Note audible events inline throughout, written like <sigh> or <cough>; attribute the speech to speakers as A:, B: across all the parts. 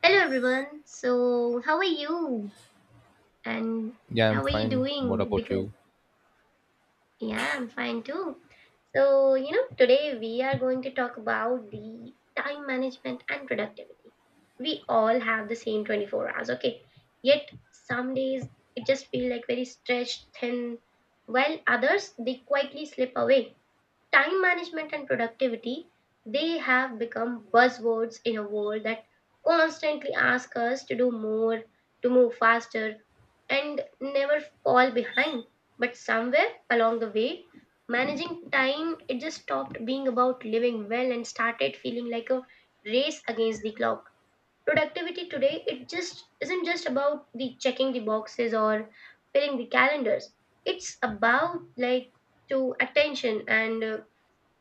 A: Hello everyone. So, how are you? And
B: Yeah, I'm
A: how are you
B: fine. What
A: doing?
B: about
A: Because
B: you?
A: yeah, I'm fine too. So, you know, today we are going to talk about the time management and productivity. We all have the same 24 hours, okay? Yet some days it just feel like very stretched thin, while others they quietly slip away. Time management and productivity, they have become buzzwords in a world that constantly asks us to do more, to move faster, and never fall behind. But somewhere along the way, managing time it just stopped being about living well and started feeling like a race against the clock. Productivity today it just isn't just about the checking the boxes or filling the calendars. It's about like to attention and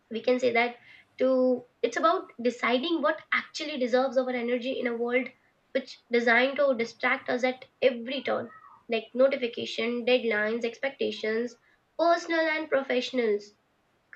A: we can say that to it's about deciding what actually deserves our energy in a world which designed to distract us at every turn, like notification deadlines expectations personal and professionals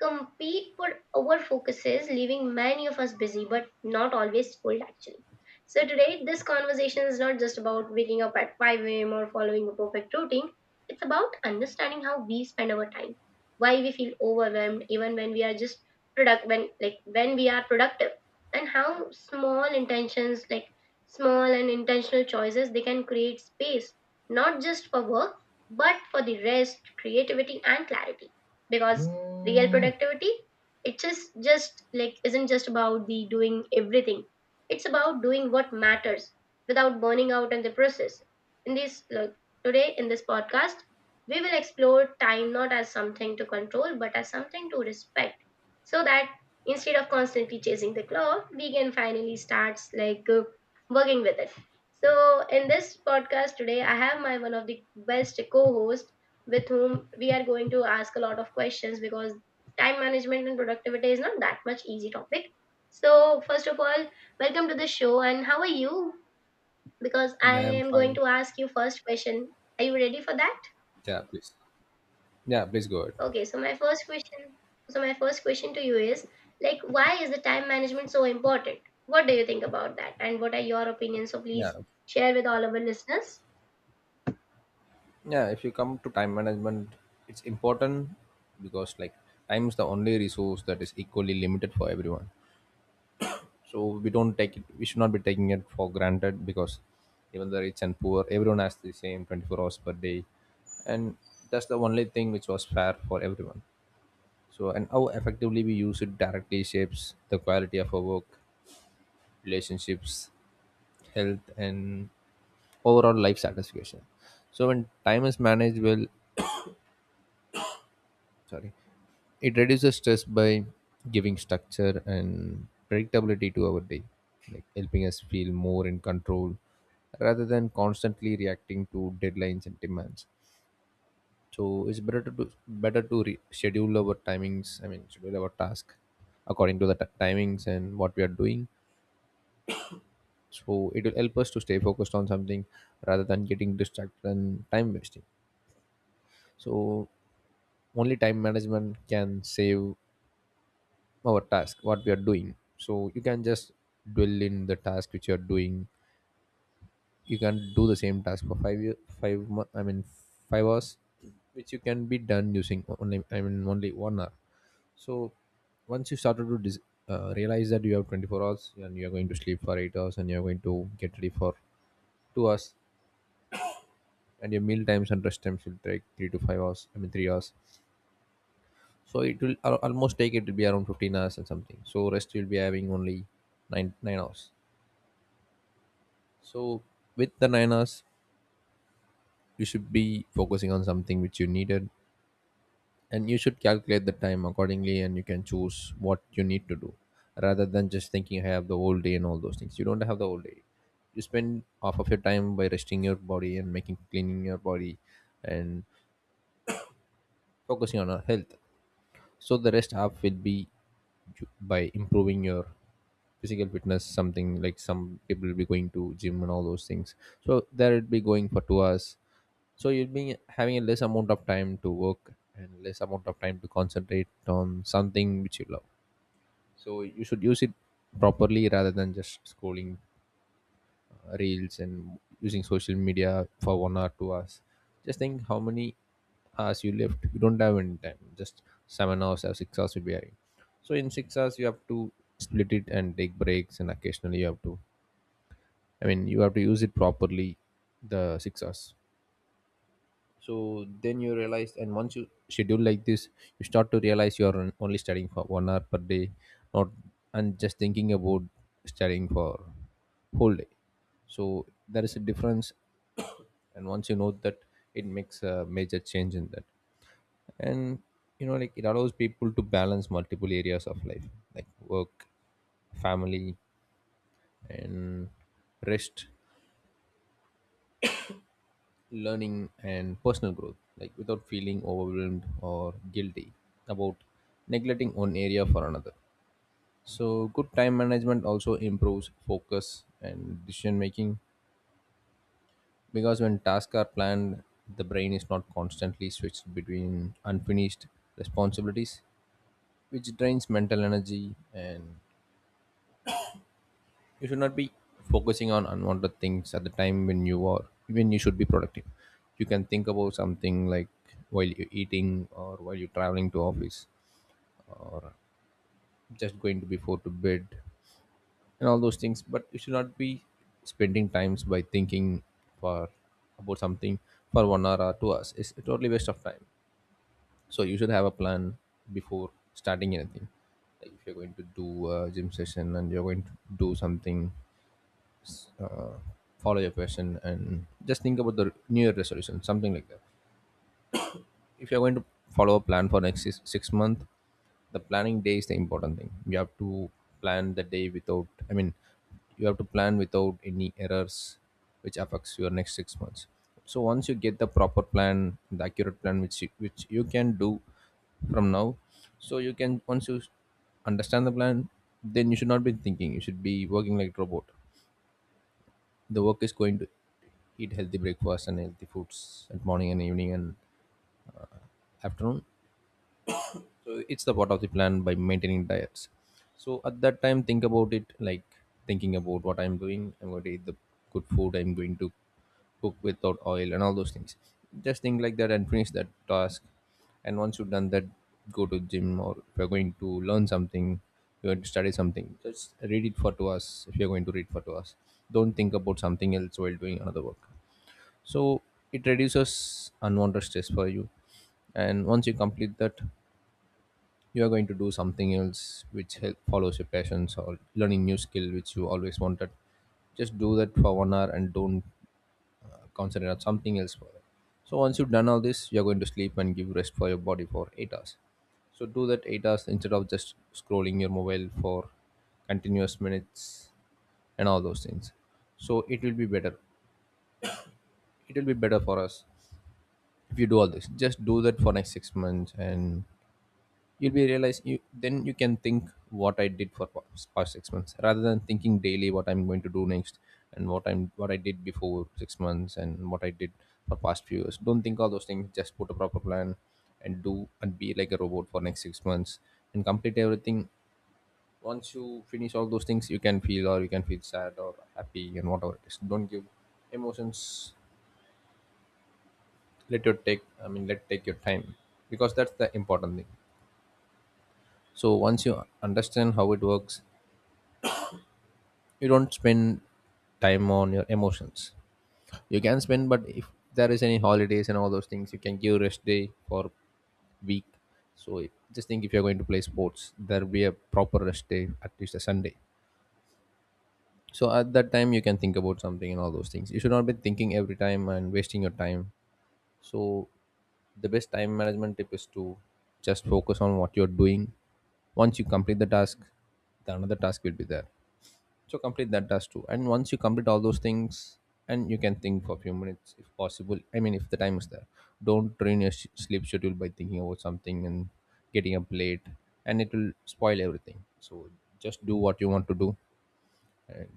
A: compete for our focuses, leaving many of us busy but not always full actually. So today this conversation is not just about waking up at 5 a.m. or following a perfect routine. It's about understanding how we spend our time, why we feel overwhelmed even when we are just product when like when we are productive, and how small intentions like small and intentional choices they can create space not just for work but for the rest, creativity and clarity, because real productivity it just isn't just about the doing everything. It's about doing what matters without burning out in the process. in this like, Today in this podcast we will explore time not as something to control but as something to respect, so that instead of constantly chasing the clock we can finally start like working with it. So in this podcast today I have my one of the best co-hosts with whom we are going to ask a lot of questions because time management and productivity is not that much easy topic. So first of all, welcome to the show and how are you? Because I
B: Yeah, I'm
A: am going
B: fine.
A: to ask you first question. Are you ready for that?
B: Yeah, please. Yeah, please go ahead.
A: Okay, so my first question, to you is like why is the time management so important? What do you think about that? And what are your opinions? So please
B: Yeah.
A: share with all of our listeners.
B: Yeah, if you come to time management, it's important because time is the only resource that is equally limited for everyone. So we should not be taking it for granted, because even the rich and poor, everyone has the same 24 hours per day. And that's the only thing which was fair for everyone. So, and how effectively we use it directly shapes the quality of our work, relationships, health and overall life satisfaction. So when time is managed well, sorry, it reduces stress by giving structure and predictability to our day, like helping us feel more in control rather than constantly reacting to deadlines and demands. So it's better to do, better to schedule our timings, schedule our task according to the timings and what we are doing, so it will help us to stay focused on something rather than getting distracted and time wasting. So only time management can save our task what we are doing, so you can just dwell in the task which you are doing. You can do the same task for 5 year, five mo- I mean 5 hours, which you can be done using only I mean only 1 hour. So once you started to realize that you have 24 hours, and you are going to sleep for 8 hours, and you are going to get ready for 2 hours, and your meal times and rest times will take 3 to 5 hours, 3 hours, so it will almost take it to be around 15 hours and something, so rest you'll be having only 9 hours. So with the 9 hours, you should be focusing on something which you needed, and you should calculate the time accordingly, and you can choose what you need to do rather than just thinking I have the whole day and all those things. You don't have the whole day. You spend half of your time by resting your body and making cleaning your body and focusing on our health. So the rest half will be by improving your physical fitness, something like some people will be going to gym and all those things, so there would be going for 2 hours. So you will be having a less amount of time to work and less amount of time to concentrate on something which you love, so you should use it properly rather than just scrolling reels and using social media for 1 or 2 hours. Just think how many hours you left. You don't have any time, just 7 hours or 6 hours you'll be having. So in 6 hours you have to split it and take breaks, and occasionally you have to, I mean, you have to use it properly, the 6 hours. So then you realize, and once you schedule like this, you start to realize you are only studying for 1 hour per day, not, and just thinking about studying for whole day. So there is a difference, <coughs> and once you know that, it makes a major change in that. And you know, like it allows people to balance multiple areas of life, like work, family, and rest, learning and personal growth, like without feeling overwhelmed or guilty about neglecting one area for another. So good time management also improves focus and decision making, because when tasks are planned, the brain is not constantly switched between unfinished responsibilities, which drains mental energy. And you should not be focusing on unwanted things at the time when you should be productive. You can think about something like while you're eating, or while you're traveling to office, or just going to before to bed and all those things, but you should not be spending times by thinking for about something for 1 hour or 2 hours. It's a totally waste of time. So you should have a plan before starting anything, like if you're going to do a gym session, and you're going to do something, uh, follow your passion, and just think about the new year resolution, something like that. If you're going to follow a plan for next 6 month, the planning day is the important thing. You have to plan the day without, you have to plan without any errors which affects your next 6 months. So once you get the proper plan, the accurate plan, which you can do from now. So you can, once you understand the plan, then you should not be thinking, you should be working like robot. The work is going to eat healthy breakfast and healthy foods at morning and evening and afternoon. So it's the part of the plan by maintaining diets. So at that time, think about it, like thinking about what I'm doing, I'm going to eat the good food, I'm going to cook without oil and all those things. Just think like that and finish that task. And once you've done that, go to gym, or if you're going to learn something, you're going to study something, just read it for 2 hours. If you're going to read for 2 hours, don't think about something else while doing another work. So it reduces unwanted stress for you. And once you complete that, you are going to do something else which help follows your passions or learning new skill which you always wanted. Just do that for 1 hour and don't concentrate on something else for that. So once you've done all this, you're going to sleep and give rest for your body for 8 hours. So do that 8 hours instead of just scrolling your mobile for continuous minutes and all those things. So it will be better, it will be better for us if you do all this. Just do that for next 6 months, and you'll be realize, you then you can think what I did for past 6 months, rather than thinking daily what I'm going to do next, and what I'm what I did before 6 months, and what I did for past few years. Don't think all those things, just put a proper plan, and do, and be like a robot for next 6 months and complete everything. Once you finish all those things, you can feel, or you can feel sad or happy and whatever it is, don't give emotions. Let your take I mean Let take your time, because that's the important thing. So once you understand how it works, you don't spend time on your emotions. You can spend, but if there is any holidays and all those things, you can give rest day for week. so if- just think if you're going to play sports, there'll be a proper rest day, at least a Sunday. So at that time, you can think about something, and all those things you should not be thinking every time and wasting your time. So the best time management tip is to just focus on what you're doing. Once you complete the task, the another task will be there, so complete that task too. And once you complete all those things, and you can think for a few minutes if possible, if the time is there. Don't ruin your sleep schedule by thinking about something and getting up late, and it will spoil everything. So just do what you want to do, and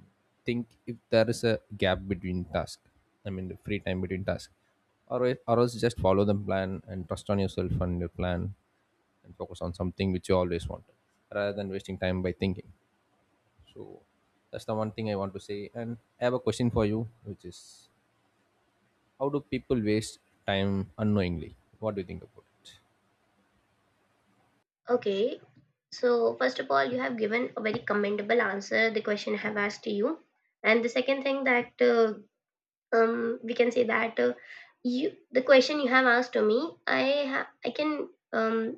B: think if there is a gap between task, the free time between task, or else just follow the plan and trust on yourself and your plan, and focus on something which you always wanted rather than wasting time by thinking. So that's the one thing I want to say. And I have a question for you, which is, how do people waste time unknowingly? What do you think about it?
A: Okay. So, first of all, you have given a very commendable answer the question I have asked you. And the second thing that we can say that you the question you have asked to me I ha- I can um,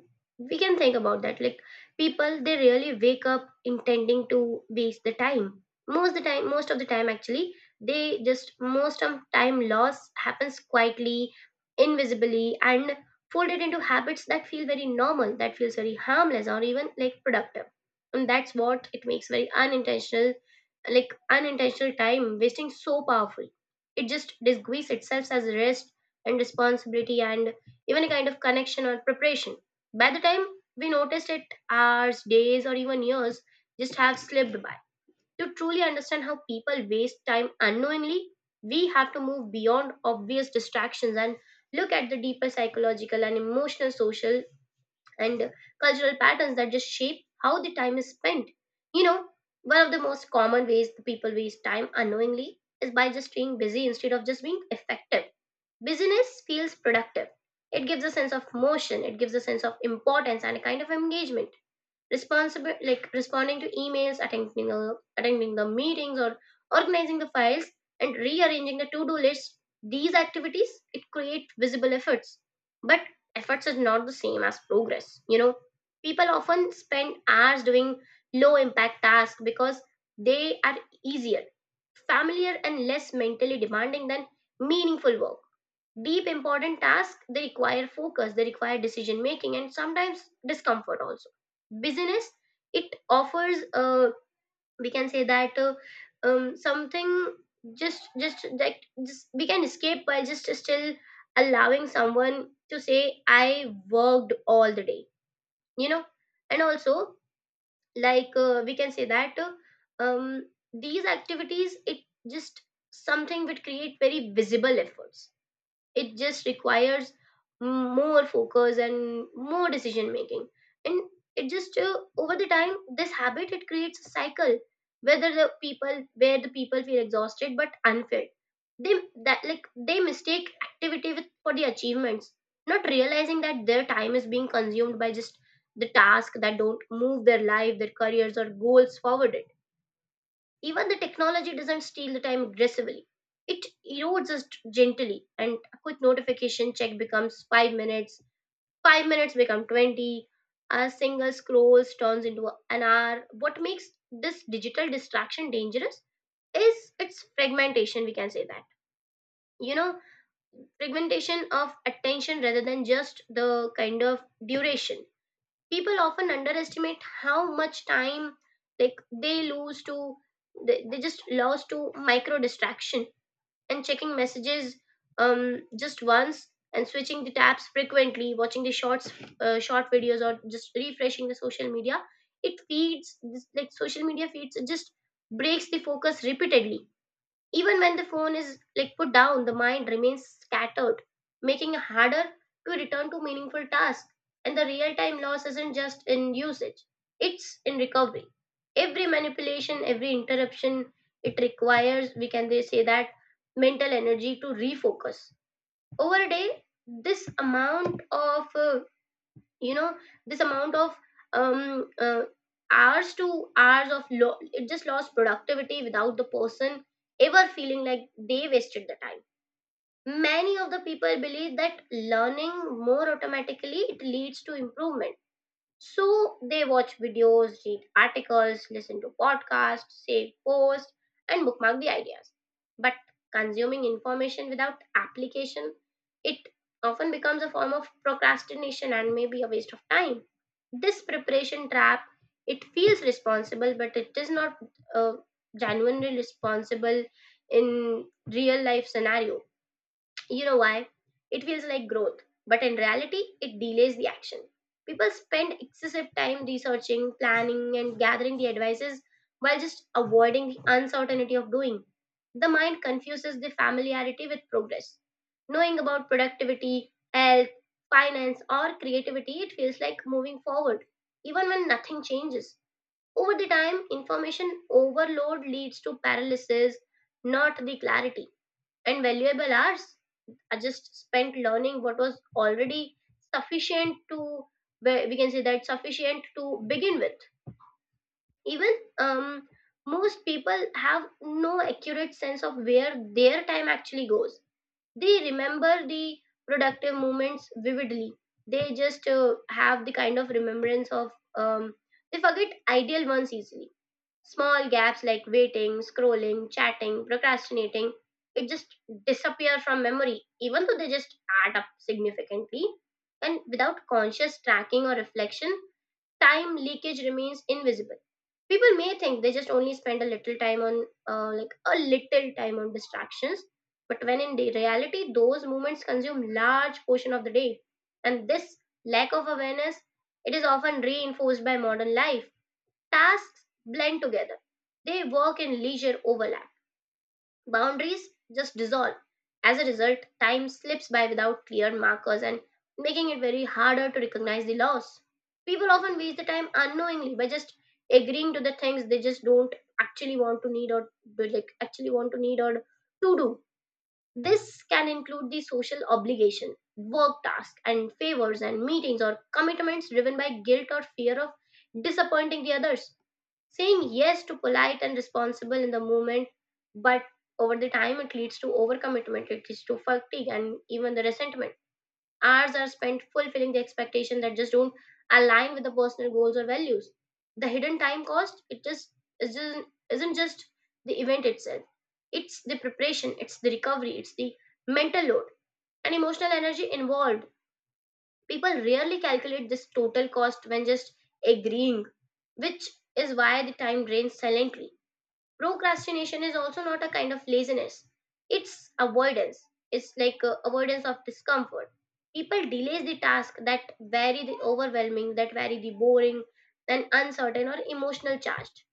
A: we can think about that like people they really wake up intending to waste the time most the time, most of the time actually, they just most of time loss happens quietly, invisibly, and folded into habits that feel very normal, that feels very harmless or even like productive. And that's what it makes very unintentional, like unintentional time wasting so powerful. It just disguises itself as rest and responsibility and even a kind of connection or preparation. By the time we noticed it, hours, days, or even years just have slipped by. To truly understand how people waste time unknowingly, we have to move beyond obvious distractions and look at the deeper psychological and emotional social and cultural patterns that just shape how the time is spent. You know, one of the most common ways the people waste time unknowingly is by just staying busy instead of just being effective. Busyness feels productive. It gives a sense of motion, it gives a sense of importance and a kind of engagement, responsible like responding to emails, attending the meetings or organizing the files and rearranging the to-do list. These activities it create visible efforts, but efforts is not the same as progress, you know. People often spend hours doing low impact tasks because they are easier, familiar and less mentally demanding than meaningful work. Deep important tasks they require focus, they require decision making and sometimes discomfort also. Business it offers we can say that something we can escape by just still allowing someone to say I worked all the day, you know. And also like we can say that these activities it just something which create very visible efforts. It just requires more focus and more decision making, and it just over the time this habit it creates a cycle whether the people, where the people feel exhausted but unfit, they that like they mistake activity with for the achievements, not realizing that their time is being consumed by just the tasks that don't move their life, their careers or goals forward. Even the technology doesn't steal the time aggressively. It erodes us gently, and a quick notification check becomes 5 minutes, 5 minutes become 20, a single scroll turns into an hour. What makes this digital distraction dangerous is its fragmentation, we can say that. You know, fragmentation of attention rather than just the kind of duration. People often underestimate how much time like they lose to, they just lost to micro distraction and checking messages um just once and switching the tabs frequently, watching the shorts, short videos or just refreshing the social media. It feeds this, like social media feeds it just breaks the focus repeatedly. Even when the phone is like put down, the mind remains scattered, making it harder to return to meaningful tasks. And the real time loss isn't just in usage, it's in recovery. Every manipulation, every interruption, it requires, we can they say that, mental energy to refocus. Over a day, this amount of you know this amount of um uh, hours to hours of it just lost productivity without the person ever feeling like they wasted the time. Many of the people believe that learning more automatically it leads to improvement, so they watch videos, read articles, listen to podcasts, save posts, and bookmark the ideas. But consuming information without application, it often becomes a form of procrastination and may be a waste of time. This preparation trap, it feels responsible, but it is not uh, genuinely responsible in real life scenario, you know why? It feels like growth, but in reality, it delays the action. People spend excessive time researching, planning, and gathering the advices while just avoiding the uncertainty of doing. The mind confuses the familiarity with progress. Knowing about productivity, health, finance, or creativity, it feels like moving forward, even when nothing changes. Over the time, information overload leads to paralysis, not the clarity, and valuable hours I just spent learning what was already sufficient to, where we can say that sufficient to begin with. Even um, most people have no accurate sense of where their time actually goes. They remember the productive moments vividly. They just have the kind of remembrance of they forget ideal ones easily. Small gaps like waiting, scrolling, chatting, procrastinating, it just disappear from memory, even though they just add up significantly. And without conscious tracking or reflection, time leakage remains invisible. People may think they just only spend a little time on, like a little time on distractions, but when in the reality, those moments consume large portion of the day, and this lack of awareness it is often reinforced by modern life. Tasks blend together. They work and leisure overlap. Boundaries just dissolve. As a result, time slips by without clear markers and making it very harder to recognize the loss. People often waste the time unknowingly by just agreeing to the things they just don't actually want to need or actually want to need or to do. This can include the social obligation, work tasks, and favors and meetings or commitments driven by guilt or fear of disappointing the others. Saying yes to polite and responsible in the moment, but over the time it leads to overcommitment, it leads to fatigue and even the resentment. Hours are spent fulfilling the expectation that just don't align with the personal goals or values. The hidden time cost, it just isn't just the event itself. It's the preparation, it's the recovery, it's the mental load and emotional energy involved. People rarely calculate this total cost when just agreeing, which is why the time drains silently. Procrastination is also not a kind of laziness, it's avoidance. It's like avoidance of discomfort. People delays the task that very the overwhelming, that very the boring and uncertain or emotional charged.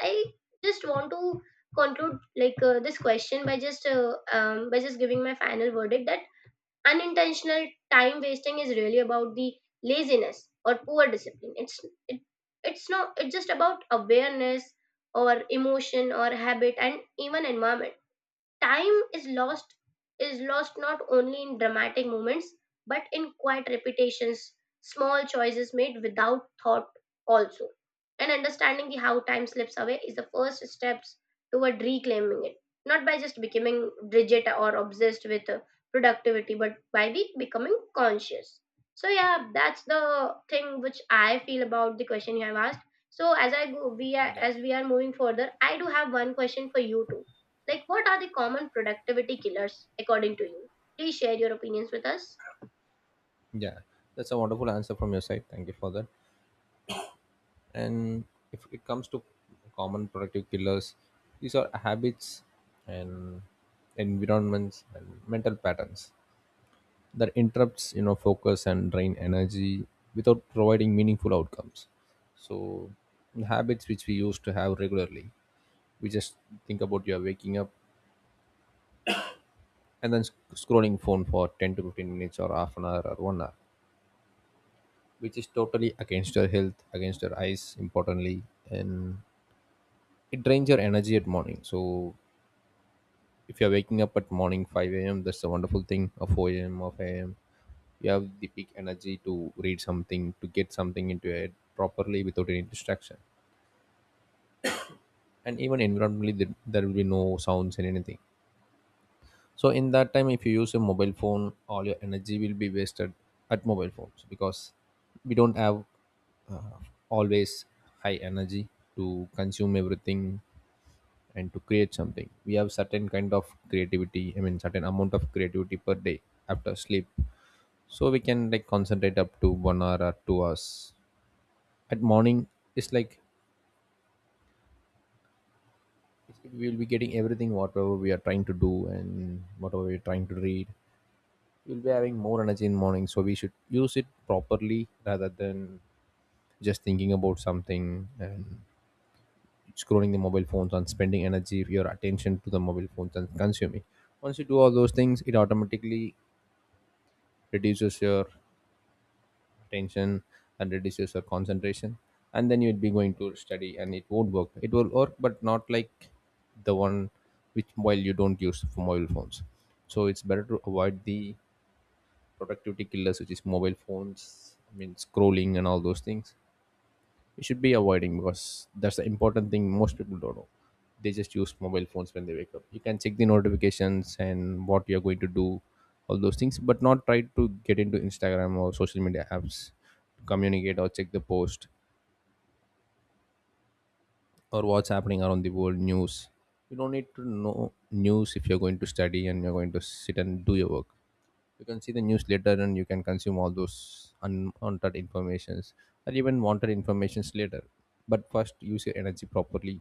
A: I just want to conclude like this question by just giving my final verdict that unintentional time wasting is really about the laziness or poor discipline. It's it, it's not, it's just about awareness or emotion or habit and even environment. Time is lost not only in dramatic moments but in quiet repetitions, small choices made without thought also. And understanding the how time slips away is the first steps toward reclaiming it, not by just becoming rigid or obsessed with productivity but by be becoming conscious. So yeah, that's the thing which I feel about the question you have asked. So as I go we are
B: Yeah,
A: as we are moving further, I do have one question for you too. Like, what are the common productivity killers according to you? Please share your opinions with us.
B: yeah, that's a wonderful answer from your side. Thank you for that. And if it comes to common productive killers, these are habits and environments and mental patterns. That interrupts focus and drain energy without providing meaningful outcomes. So the habits which we used to have regularly, we just think about, you're waking up and then scrolling phone for 10 to 15 minutes or half an hour or one hour, which is totally against your health, against your eyes importantly. And it drains your energy at morning. So if you're waking up at morning 5 a.m, that's a wonderful thing, or 4 a.m or 5 a.m, you have the peak energy to read something, to get something into your head properly without any distraction. And even environmentally there will be no sounds and anything. So in that time if you use a mobile phone, all your energy will be wasted at mobile phones, because we don't have always high energy to consume everything. And to create something, we have certain kind of creativity, I mean certain amount of creativity per day after sleep. So we can like concentrate up to one hour or 2 hours at morning. It's like we'll be getting everything whatever we are trying to do and whatever we're trying to read. We'll be having more energy in morning, so we should use it properly rather than just thinking about something and scrolling the mobile phones and spending energy, your attention to the mobile phones and consuming. Once you do all those things, it automatically reduces your tension and reduces your concentration. And then you'll be going to study and it won't work. It will work, but not like the one which while you don't use for mobile phones. So it's better to avoid the productivity killers, which is mobile phones, I mean scrolling and all those things. You should be avoiding, because that's the important thing most people don't know. They just use mobile phones when they wake up. You can check the notifications and what you're going to do, all those things, but not try to get into Instagram or social media apps to communicate or check the post or what's happening around the world news. You don't need to know news if you're going to study and you're going to sit and do your work. You can see the news later and you can consume all those unwanted informations or even wanted informations later. But first use your energy properly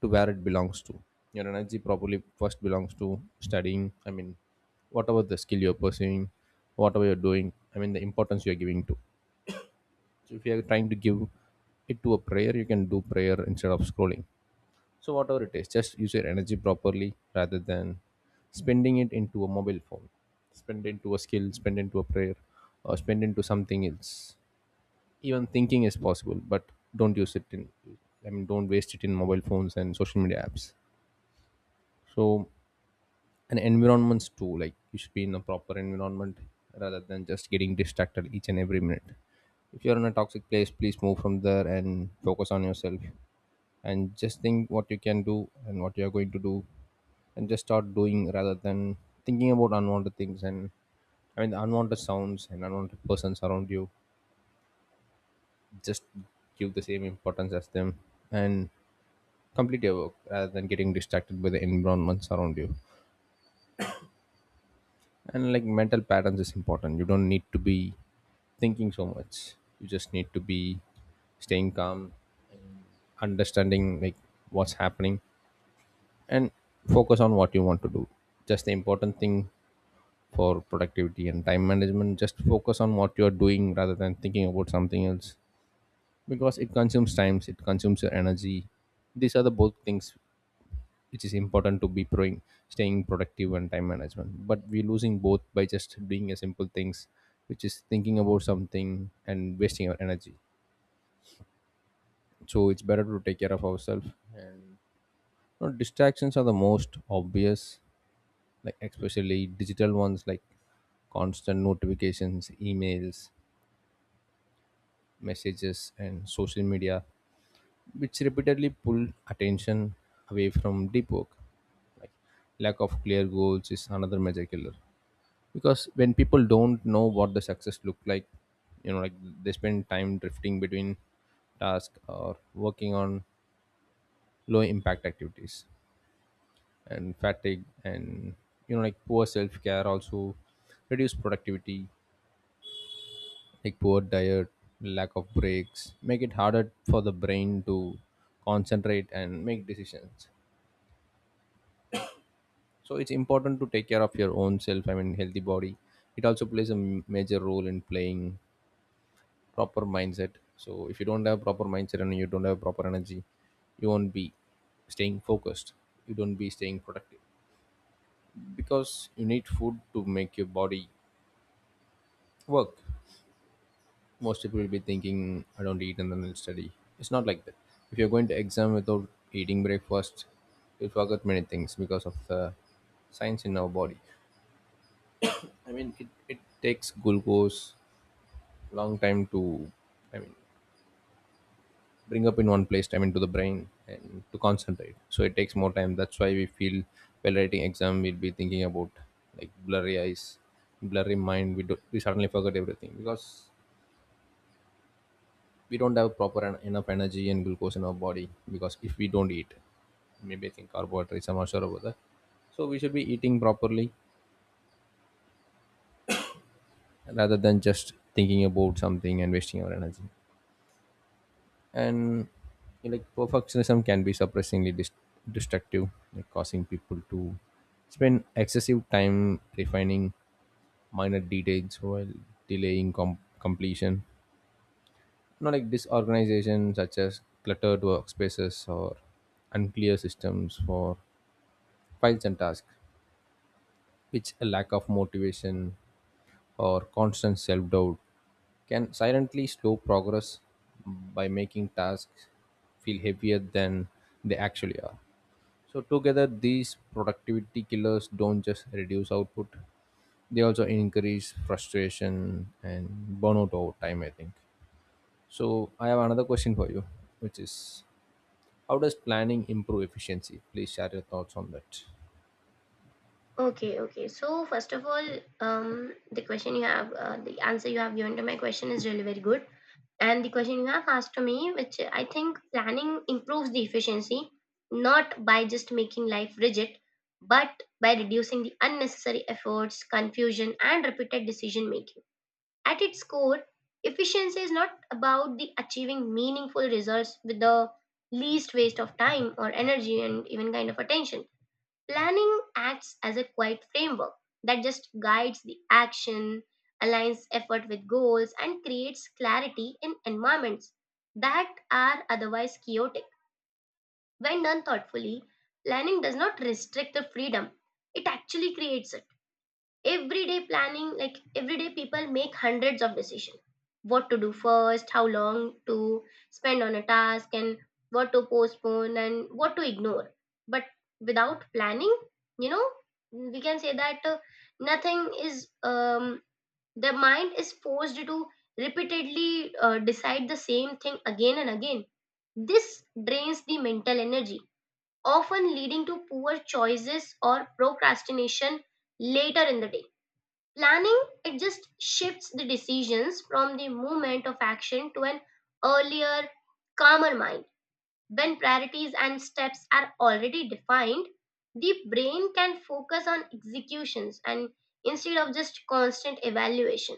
B: to where it belongs to. Your energy properly first belongs to studying, I mean whatever the skill you're pursuing, whatever you're doing, I mean the importance you're giving to. So if you're trying to give it to a prayer, you can do prayer instead of scrolling. So whatever it is, just use your energy properly rather than spending it into a mobile phone, spend into a skill, spend into a prayer, or spend into something else. Even thinking is possible, but don't use it in. I mean, don't waste it in mobile phones and social media apps. So, and environments too. Like you should be in a proper environment rather than just getting distracted each and every minute. If you're in a toxic place, please move from there and focus on yourself and just think what you can do and what you are going to do and just start doing rather than thinking about unwanted things and, I mean, the unwanted sounds and unwanted persons around you. Just give the same importance as them and complete your work rather than getting distracted by the environments around you. And like mental patterns is important. You don't need to be thinking so much. You just need to be staying calm, understanding like what's happening and focus on what you want to do. Just the important thing for productivity and time management, just focus on what you're doing rather than thinking about something else, because it consumes times, it consumes your energy. These are the both things which is important to be proing, staying productive and time management, but we're losing both by just doing a simple things, which is thinking about something and wasting our energy. So it's better to take care of ourselves. Now, distractions are the most obvious, like especially digital ones, like constant notifications, emails, messages, and social media, which repeatedly pull attention away from deep work. Like lack of clear goals is another major killer, because when people don't know what the success look like, like they spend time drifting between tasks or working on low impact activities. And fatigue and like poor self care also reduce productivity, like poor diet, lack of breaks, make it harder for the brain to concentrate and make decisions. So it's important to take care of your own self. I mean, healthy body. It also plays a major role in playing proper mindset. So if you don't have proper mindset and you don't have proper energy, you won't be staying focused. You don't be staying productive because you need food to make your body work. Most people will be thinking, I don't eat and then I'll study. It's not like that. If you're going to exam without eating breakfast, you'll forget many things because of the science in our body. I mean, it takes glucose long time to, I mean, bring up in one place, I mean, to the brain and to concentrate. So it takes more time. That's why we feel while writing exam, we'll be thinking about like blurry eyes, blurry mind. We suddenly forget everything because we don't have proper enough energy and glucose in our body, because if we don't eat, maybe I think carbohydrates, I'm not sure about that. So we should be eating properly rather than just thinking about something and wasting our energy. And like perfectionism can be surprisingly destructive, like causing people to spend excessive time refining minor details while delaying completion, not like disorganization such as cluttered workspaces or unclear systems for files and tasks, which a lack of motivation or constant self doubt can silently slow progress by making tasks feel heavier than they actually are. So, together, these productivity killers don't just reduce output, they also increase frustration and burnout over time, I think. So, I have another question for you, which is how does planning improve efficiency? Please share your thoughts on that.
A: Okay, okay. So, first of all, the question you have, the answer you have given to my question is really very good. And the question you have asked to me, which I think planning improves the efficiency, not by just making life rigid, but by reducing the unnecessary efforts, confusion, and repeated decision making. At its core, efficiency is not about the achieving meaningful results with the least waste of time or energy and even kind of attention. Planning acts as a quiet framework that just guides the action, aligns effort with goals, and creates clarity in environments that are otherwise chaotic. When done thoughtfully, planning does not restrict the freedom, it actually creates it. Everyday planning, like everyday people make hundreds of decisions: what to do first, how long to spend on a task, and what to postpone and what to ignore. But without planning, you know, we can say that nothing is, the mind is forced to repeatedly decide the same thing again and again. This drains the mental energy, often leading to poor choices or procrastination later in the day. Planning, it just shifts the decisions from the moment of action to an earlier, calmer mind. When priorities and steps are already defined, the brain can focus on executions and instead of just constant evaluation.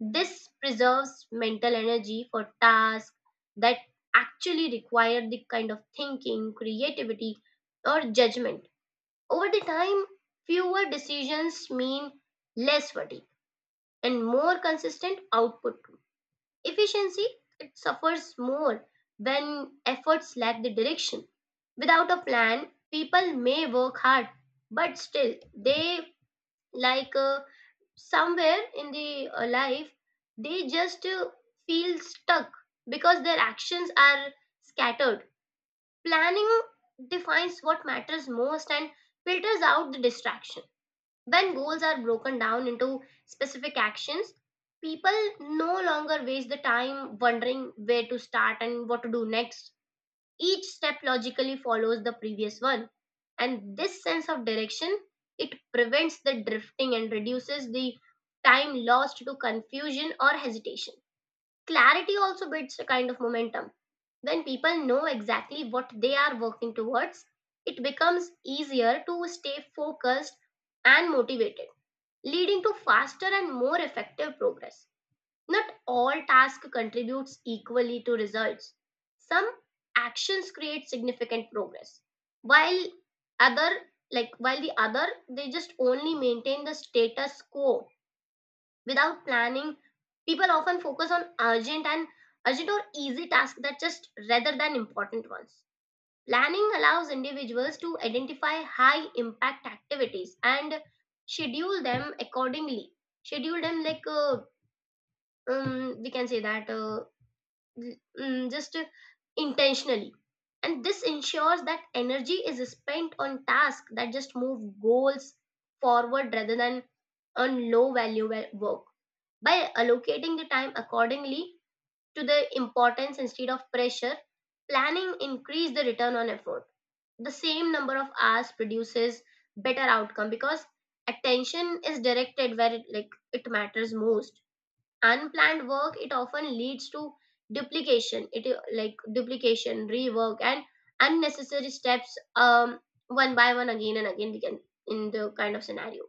A: This preserves mental energy for tasks that actually require the kind of thinking, creativity, or judgment. Over the time, fewer decisions mean less fatigue and more consistent output too. Efficiency, it suffers more when efforts lack the direction. Without a plan, people may work hard, but still they like somewhere in the life they just feel stuck because their actions are scattered. Planning defines what matters most and filters out the distractions. When goals are broken down into specific actions, people no longer waste the time wondering where to start and what to do next. Each step logically follows the previous one, and this sense of direction, it prevents the drifting and reduces the time lost to confusion or hesitation. Clarity also builds a kind of momentum. When people know exactly what they are working towards, it becomes easier to stay focused and motivated, leading to faster and more effective progress. Not all task contributes equally to results. Some actions create significant progress, while other like while the other they just only maintain the status quo without planning. People often focus on urgent or easy tasks that just rather than important ones. Planning allows individuals to identify high impact activities and schedule them accordingly. Schedule them like we can say that mm, just intentionally. And this ensures that energy is spent on tasks that just move goals forward rather than on low value work. By allocating the time accordingly, to the importance instead of pressure, planning increases the return on effort. The same number of hours produces better outcome because attention is directed where it, like it matters most. Unplanned work, it often leads to duplication. It like duplication, rework, and unnecessary steps. One by one, again and again, we can in the kind of scenario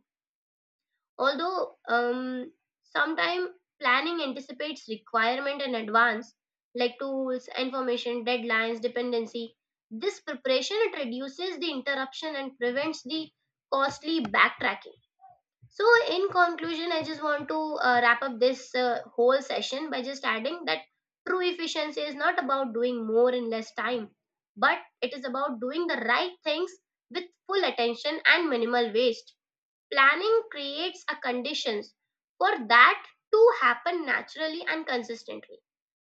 A: although sometimes planning anticipates requirement in advance, like tools, information, deadlines, dependency. This preparation, it reduces the interruption and prevents the costly backtracking. So in conclusion, I just want to wrap up this whole session by just adding that true efficiency is not about doing more in less time, but it is about doing the right things with full attention and minimal waste. Planning creates a conditions for that to happen naturally and consistently.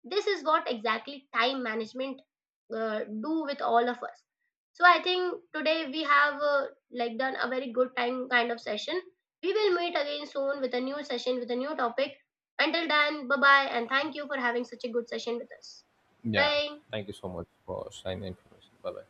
A: This is what exactly time management do with all of us. So I think today we have like done a very good time kind of session. We will meet again soon with a new session with a new topic. Until then, bye bye, and thank you for having such a good session with us.
B: Yeah.
A: Bye.
B: Thank you so much for sharing the information. Bye bye.